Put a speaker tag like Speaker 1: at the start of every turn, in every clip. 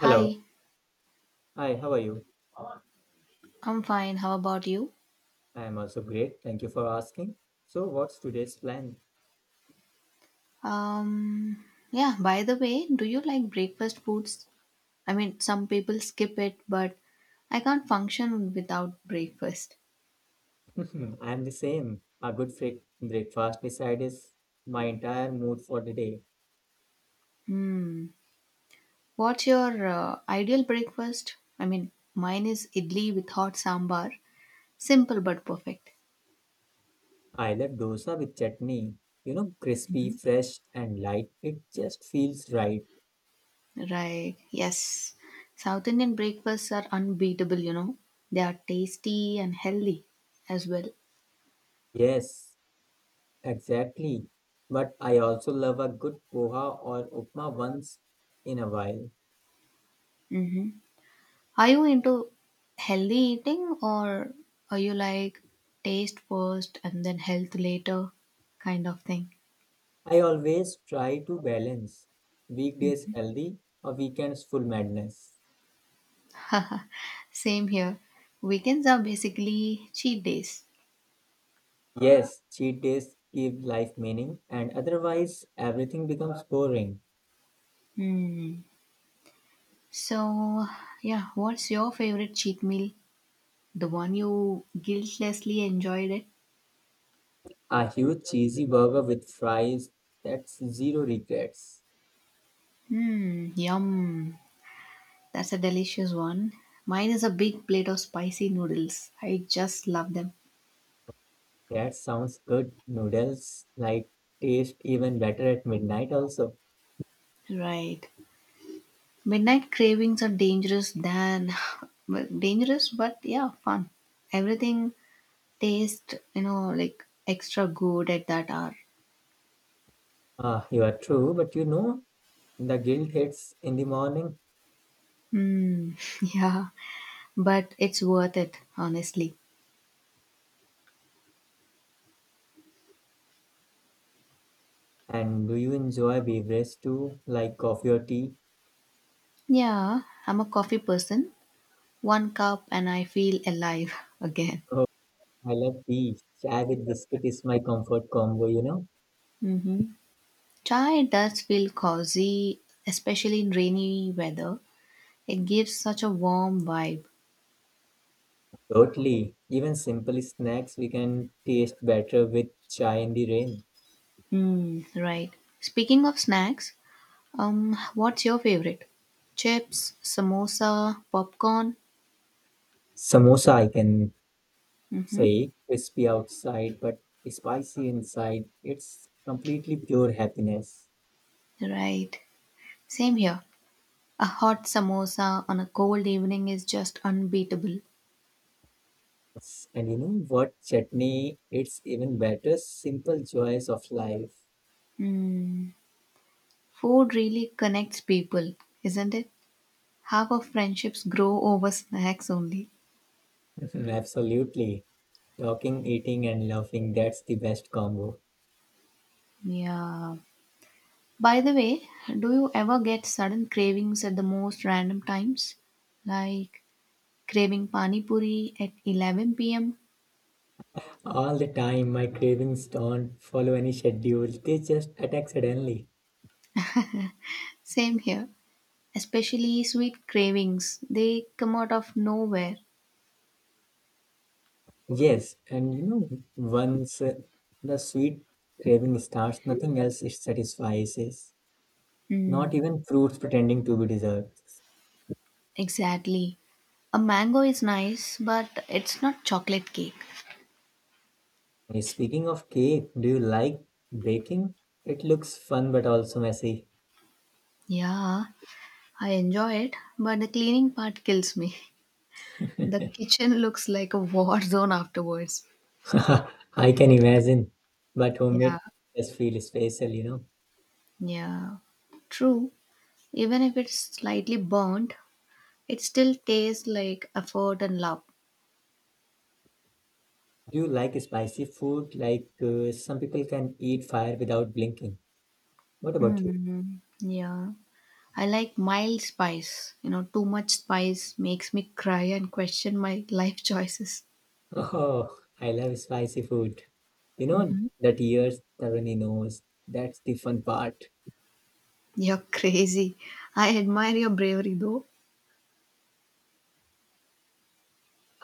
Speaker 1: Hello. Hi, how are you? I
Speaker 2: I'm fine. How about you?
Speaker 1: am also great. Thank you for asking. So, what's today's plan?
Speaker 2: Um, yeah, by the way, do you like breakfast foods? I mean, some people skip it, but I can't function without breakfast.
Speaker 1: I am the same. A good breakfast beside my entire mood for the day.
Speaker 2: Hmm. What's your ideal breakfast? I mean, mine is idli with hot sambar. Simple but perfect.
Speaker 1: I love dosa with chutney. You know, crispy, fresh, and light. It just feels right.
Speaker 2: Right. Yes. South Indian breakfasts are unbeatable, you know. They are tasty and healthy as well.
Speaker 1: Yes, exactly. But I also love a good poha or upma once in a while.
Speaker 2: Mm-hmm. Are you into healthy eating, or are you like taste first and then health later kind of thing?
Speaker 1: I always try to balance weekdays healthy or weekends full madness.
Speaker 2: Same here. Weekends are basically cheat days.
Speaker 1: Yes, cheat days give life meaning, and otherwise everything becomes boring.
Speaker 2: Hmm. So, yeah, what's your favorite cheat meal? The one you guiltlessly enjoyed it?
Speaker 1: A huge cheesy burger with fries, that's zero regrets.
Speaker 2: Hmm, yum. That's a delicious one. Mine is a big plate of spicy noodles. I just love them.
Speaker 1: That sounds good. Noodles like taste even better at midnight also.
Speaker 2: Right. Midnight cravings are dangerous than well, dangerous, but yeah, fun. Everything tastes, like extra good at that hour.
Speaker 1: Ah, you are true, but you know the guilt hits in the morning.
Speaker 2: Mm, yeah, but it's worth it, honestly.
Speaker 1: And do you enjoy beverages too, like coffee or tea?
Speaker 2: Yeah, I'm a coffee person. One cup and I feel alive again.
Speaker 1: Oh, I love tea. Chai with biscuit is my comfort combo, you know.
Speaker 2: Hmm. Chai does feel cozy, especially in rainy weather. It gives such a warm vibe.
Speaker 1: Totally. Even simple snacks we can taste better with chai in the rain.
Speaker 2: Mm, right. Speaking of snacks, what's your favorite? Chips, samosa, popcorn?
Speaker 1: Samosa, I can
Speaker 2: Mm-hmm.
Speaker 1: say, crispy outside but spicy inside. It's completely pure happiness.
Speaker 2: Right. Same here. A hot samosa on a cold evening is just unbeatable.
Speaker 1: And you know what? Chutney, it's even better. Simple joys of life.
Speaker 2: Mm. Food really connects people, isn't it? Half of friendships grow over snacks only.
Speaker 1: Mhm. Absolutely. Talking, eating, and laughing, that's the best combo.
Speaker 2: Yeah. By the way, do you ever get sudden cravings at the most random times? Like craving pani puri at 11 p.m.?
Speaker 1: All the time, my cravings don't follow any schedule, they just attack suddenly.
Speaker 2: Same here. Especially sweet cravings, they come out of nowhere.
Speaker 1: Yes, and you know, once the sweet craving starts, nothing else it satisfies is not
Speaker 2: Mm,
Speaker 1: even fruits pretending to be dessert.
Speaker 2: exactly. A mango is nice, but it's not chocolate cake.
Speaker 1: Speaking of cake, do you like baking? It looks fun but also messy.
Speaker 2: Yeah, I enjoy it, but the cleaning part kills me. The kitchen looks like a war zone afterwards.
Speaker 1: I can imagine, but homemade
Speaker 2: yeah
Speaker 1: just feel special, you know.
Speaker 2: yeah true. Even if it's slightly burnt, it still tastes like effort and love.
Speaker 1: Do you like spicy food? Like some people can eat fire without blinking. What about you?
Speaker 2: Mm, yeah, I like mild spice. You know, too much spice makes me cry and question my life choices.
Speaker 1: Oh, I love spicy food. You know, that years Tarani knows. That's the fun part.
Speaker 2: You're crazy. I admire your bravery though.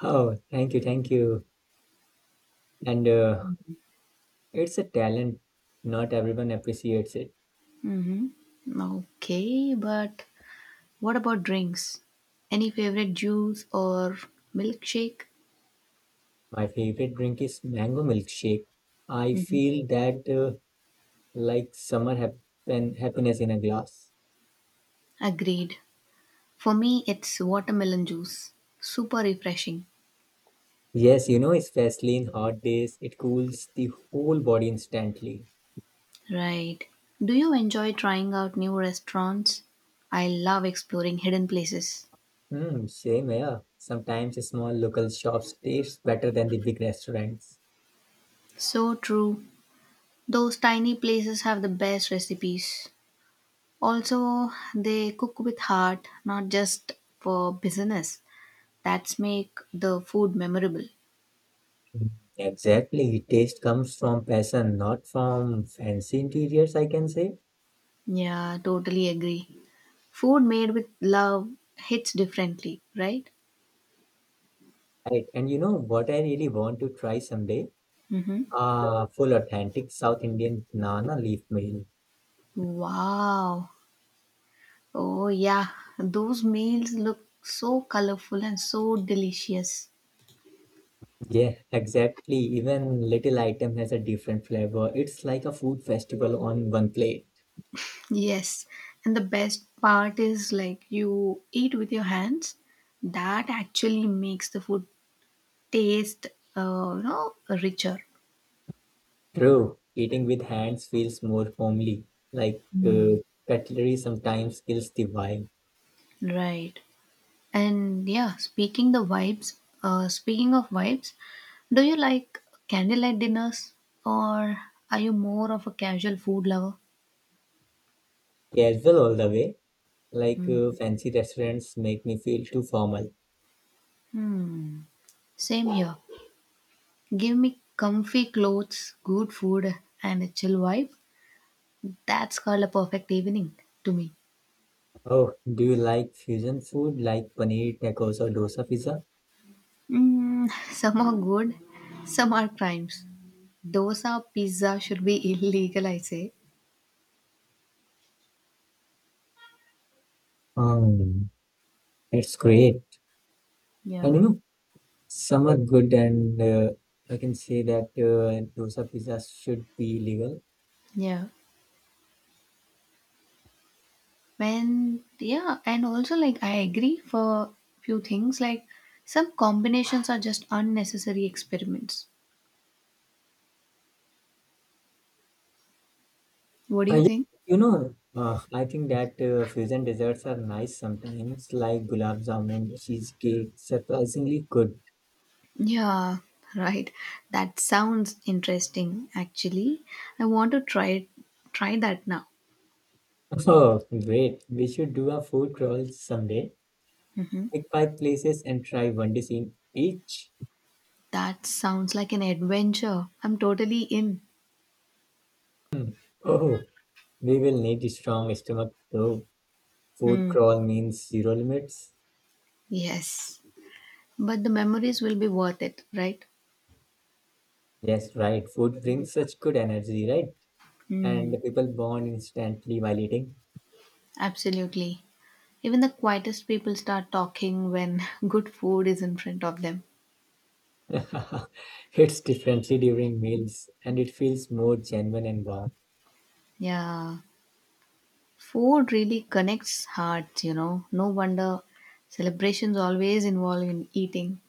Speaker 1: Oh, thank you, thank you. And it's a talent. Not everyone appreciates it.
Speaker 2: Mm-hmm. Okay, but what about drinks? Any favorite juice or milkshake?
Speaker 1: My favorite drink is mango milkshake. I feel that like summer happen happiness in a glass.
Speaker 2: Mm-hmm. Agreed. For me, it's watermelon juice. Super refreshing.
Speaker 1: Yes, you know, especially in hot days, it cools the whole body instantly.
Speaker 2: Right. Do you enjoy trying out new restaurants? I love exploring hidden places.
Speaker 1: Hmm, same here. Sometimes small local shops taste better than the big restaurants.
Speaker 2: So true. Those tiny places have the best recipes. Also, they cook with heart, not just for business. That's make the food memorable.
Speaker 1: Mm, exactly. Taste comes from passion, not from fancy interiors, I can say.
Speaker 2: Yeah, totally agree. Food made with love hits differently, right?
Speaker 1: Right. And you know what I really want to try someday?
Speaker 2: Mm-hmm.
Speaker 1: Ah, full authentic South Indian banana leaf meal.
Speaker 2: Wow. Oh yeah, those meals look so colorful and so delicious.
Speaker 1: Yeah, exactly. Even little item has a different flavor. It's like a food festival on one plate.
Speaker 2: Yes, and the best part is like you eat with your hands. That actually makes the food taste uh, you know richer.
Speaker 1: True. Eating with hands feels more homely. Like cutlery sometimes kills the vibe.
Speaker 2: Right. And yeah, speaking the vibes, speaking of vibes, do you like candlelight dinners, or are you more of a casual food lover?
Speaker 1: Casual all the way. Like
Speaker 2: Mm.
Speaker 1: fancy restaurants make me feel too formal.
Speaker 2: Hmm, same here. Give me comfy clothes, good food, and a chill vibe. That's called a perfect evening to me.
Speaker 1: Oh, do you like fusion food like paneer tacos or dosa pizza?
Speaker 2: Mm, some are good, some are crimes. Dosa pizza should be illegal, I say.
Speaker 1: Um, it's great. And you
Speaker 2: Yeah.
Speaker 1: know, some are good, and I can say that dosa pizzas should be legal.
Speaker 2: Yeah When yeah, and also like I agree for few things, like some combinations are just unnecessary experiments. What do you
Speaker 1: Yeah,
Speaker 2: think?
Speaker 1: you know, I think that fusion desserts are nice sometimes, like gulab jamun, cheesecake, surprisingly good.
Speaker 2: Yeah, right. That sounds interesting actually. I want to try that now.
Speaker 1: Oh, great. We should do a food crawl someday.
Speaker 2: Hmm.
Speaker 1: Pick five places and try one dish in each.
Speaker 2: That sounds like an adventure. I'm totally in.
Speaker 1: Hmm. Oh. We will need a strong stomach though. Food
Speaker 2: Hmm.
Speaker 1: crawl means zero limits.
Speaker 2: Yes. But the memories will be worth it, right?
Speaker 1: Yes, right. Food brings such good energy, right? And
Speaker 2: Hmm.
Speaker 1: the people bond instantly while eating.
Speaker 2: Absolutely. Even the quietest people start talking when good food is in front of them.
Speaker 1: It's differently during meals and it feels more genuine and warm.
Speaker 2: Yeah, food really connects hearts, you know. No wonder celebrations always involve in eating.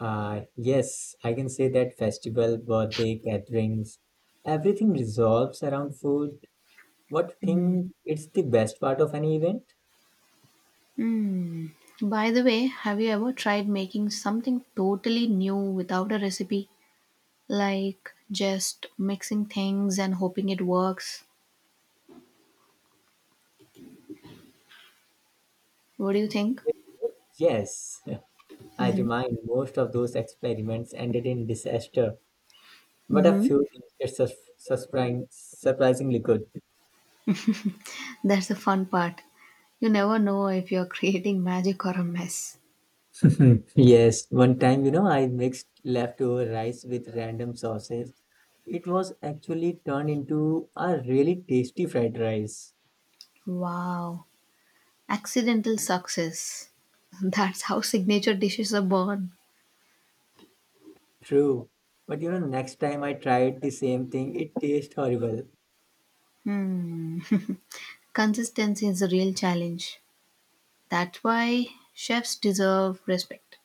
Speaker 1: Yes, I can say that festival, birthday, gatherings, everything resolves around food. What think it's the best part of any event?
Speaker 2: Hmm. By the way, have you ever tried making something totally new without a recipe? Like just mixing things and hoping it works? What do you think?
Speaker 1: Yes, I remind most of those experiments ended in disaster. But a
Speaker 2: Mm-hmm.
Speaker 1: few things that sus surprising, surprisingly good.
Speaker 2: That's the fun part. You never know if you're creating magic or a mess.
Speaker 1: Yes, one time, you know, I mixed leftover rice with random sauces. It was actually turned into a really tasty fried rice.
Speaker 2: Wow. Accidental success. That's how signature dishes are born.
Speaker 1: True. But you know, next time I tried the same thing, it tastes horrible.
Speaker 2: Hmm. Consistency is a real challenge. That's why chefs deserve respect.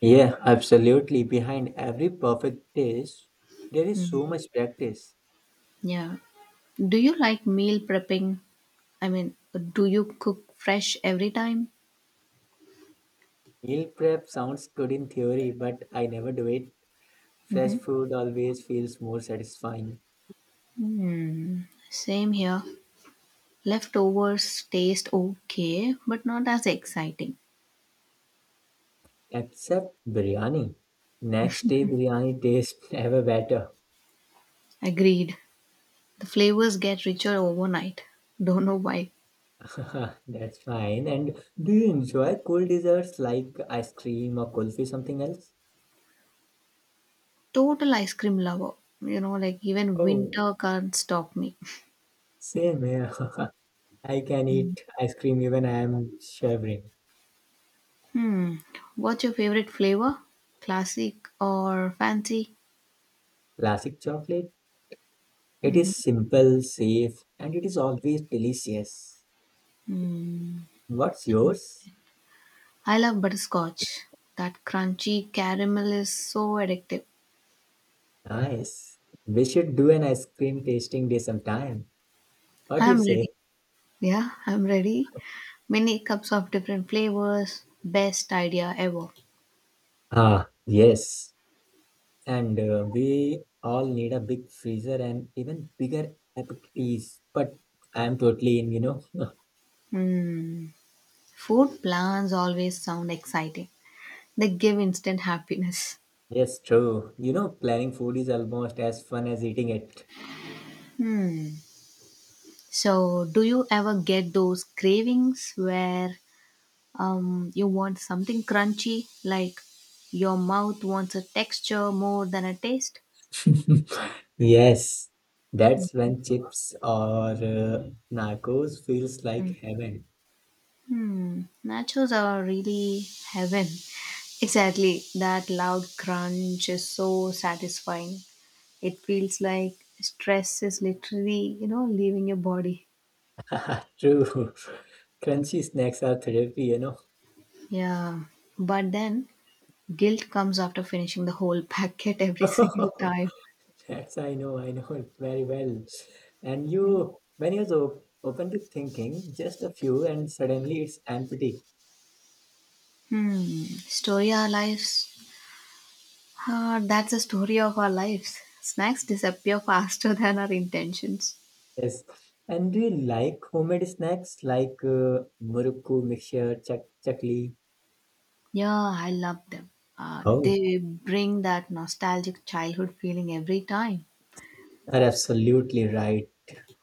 Speaker 1: Yeah, absolutely. Behind every perfect dish, there is so much practice.
Speaker 2: Yeah. Do you like meal prepping? I mean, do you cook fresh every time?
Speaker 1: Meal prep sounds good in theory, but I never do it. Fresh food always feels more satisfying.
Speaker 2: Hmm. Same here. Leftovers taste okay, but not as exciting.
Speaker 1: Except biryani. Next day, biryani tastes ever better.
Speaker 2: Agreed. The flavors get richer overnight. Don't know why.
Speaker 1: That's fine. And do you enjoy cool desserts like ice cream or kulfi, something else?
Speaker 2: Total ice cream lover. You know, like even
Speaker 1: Oh,
Speaker 2: winter can't stop me.
Speaker 1: same here. I can eat ice cream even I am shivering.
Speaker 2: Hmm. What's your favorite flavor? Classic or fancy?
Speaker 1: Classic chocolate. It is simple, safe, and it is always delicious.
Speaker 2: Hmm.
Speaker 1: What's yours?
Speaker 2: I love butterscotch. That crunchy caramel is so addictive.
Speaker 1: Nice. We should do an ice cream tasting day sometime. What do you
Speaker 2: I'm
Speaker 1: say?
Speaker 2: ready. Yeah, I'm ready. Many cups of different flavors. Best idea ever.
Speaker 1: Ah, yes. And we all need a big freezer and even bigger appetites. But I'm totally in, you know.
Speaker 2: Hmm. Food plans always sound exciting. They give instant happiness.
Speaker 1: Yes, true. You know, planning food is almost as fun as eating it.
Speaker 2: Hmm. So, do you ever get those cravings where you want something crunchy, like your mouth wants a texture more than a taste?
Speaker 1: Yes, that's when chips or nachos feels like heaven.
Speaker 2: Hmm, nachos are really heaven. Exactly, that loud crunch is so satisfying. It feels like stress is literally, leaving your body.
Speaker 1: True. Crunchy snacks are therapy, you know.
Speaker 2: Yeah, but then guilt comes after finishing the whole packet every single time.
Speaker 1: That's I know it very well. And you, when you're so open to thinking, just a few, and suddenly it's empty.
Speaker 2: Hmm. Story our lives. Ah, that's the story of our lives. Snacks disappear faster than our intentions.
Speaker 1: Yes. And do you like homemade snacks like murukku mixture, chak chakli?
Speaker 2: Yeah, I love them.
Speaker 1: Oh,
Speaker 2: They bring that nostalgic childhood feeling every time.
Speaker 1: are absolutely right.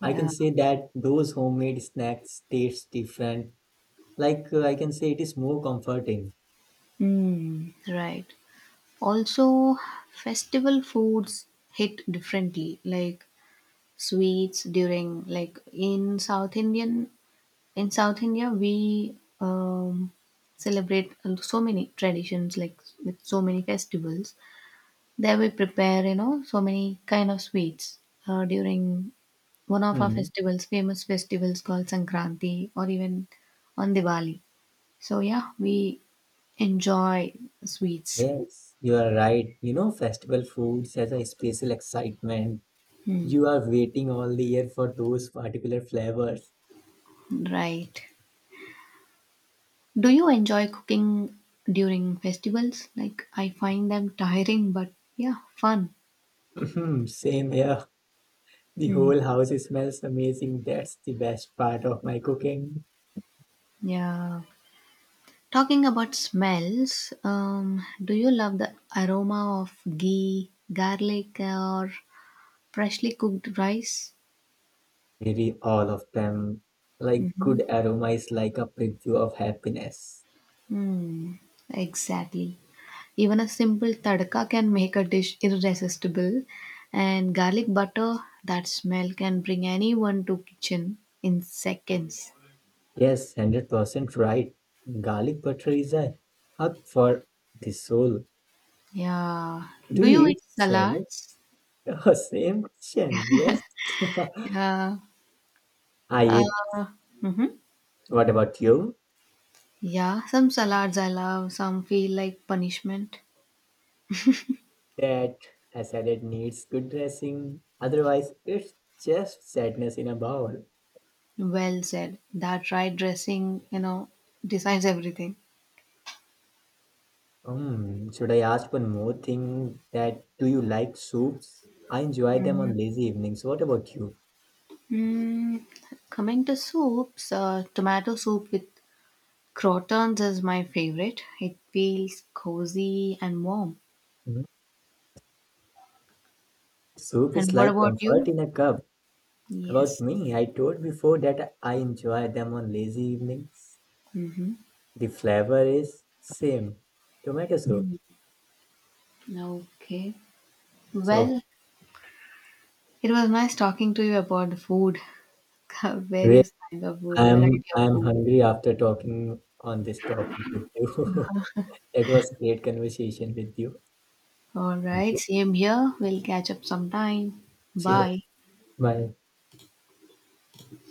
Speaker 1: I can
Speaker 2: Yeah.
Speaker 1: say that those homemade snacks taste different. Like I can say it is more comforting.
Speaker 2: Mm, right. Also, festival foods hit differently, like sweets during like in South India we celebrate so many traditions, like with so many festivals. There we prepare, you know, so many kind of sweets during one of our
Speaker 1: Hmm.
Speaker 2: festivals, famous festivals called Sankranti or even on Diwali. So yeah, we enjoy sweets.
Speaker 1: Yes, you are right. You know, festival foods has a special excitement.
Speaker 2: Hmm,
Speaker 1: You are waiting all the year for those particular flavors.
Speaker 2: right. Do you enjoy cooking during festivals? Like I find them tiring, but yeah, fun.
Speaker 1: Mhm, same here. The
Speaker 2: Hmm,
Speaker 1: whole house smells amazing. That's the best part of my cooking.
Speaker 2: yeah. Talking about smells, do you love the aroma of ghee, garlic, or freshly cooked rice?
Speaker 1: Maybe all of them. Like good aroma is like a preview of happiness.
Speaker 2: Hmm, exactly. Even a simple tadka can make a dish irresistible, and garlic butter, that smell can bring anyone to kitchen in seconds.
Speaker 1: Yes, 100% right. Garlic butter is a hug for the soul.
Speaker 2: Yeah.
Speaker 1: Do
Speaker 2: Do you
Speaker 1: you
Speaker 2: eat
Speaker 1: eat salad?
Speaker 2: salads?
Speaker 1: Oh, same question. Yes.
Speaker 2: Yeah.
Speaker 1: I eat.
Speaker 2: Uh, hmm.
Speaker 1: What about you?
Speaker 2: Yeah, some salads I love, some feel like punishment.
Speaker 1: That a salad needs good dressing. Otherwise, it's just sadness in a bowl.
Speaker 2: Well said. That right dressing, you know, decides everything.
Speaker 1: Hmm, should I ask one more thing that do you like soups? I enjoy them on lazy evenings. What about you?
Speaker 2: Mm, coming to soups, tomato soup with crotons is my favorite. It feels cozy and warm.
Speaker 1: Hmm? Soup is
Speaker 2: And what
Speaker 1: like
Speaker 2: about
Speaker 1: comfort
Speaker 2: you?
Speaker 1: in a cup. About
Speaker 2: Yes.
Speaker 1: me, I told before that I enjoy them on lazy evenings.
Speaker 2: Mm-hmm.
Speaker 1: The flavor is same, tomato soup.
Speaker 2: Mm. Okay.
Speaker 1: So
Speaker 2: Well, it was nice talking to you about the food,
Speaker 1: really,
Speaker 2: various kinds of food,
Speaker 1: I'm
Speaker 2: variety of
Speaker 1: I'm
Speaker 2: food.
Speaker 1: hungry after talking on this topic with you. It was great conversation with you.
Speaker 2: All
Speaker 1: Thank you.
Speaker 2: right. Same here. We'll catch up sometime.
Speaker 1: See you.
Speaker 2: Bye.
Speaker 1: Bye.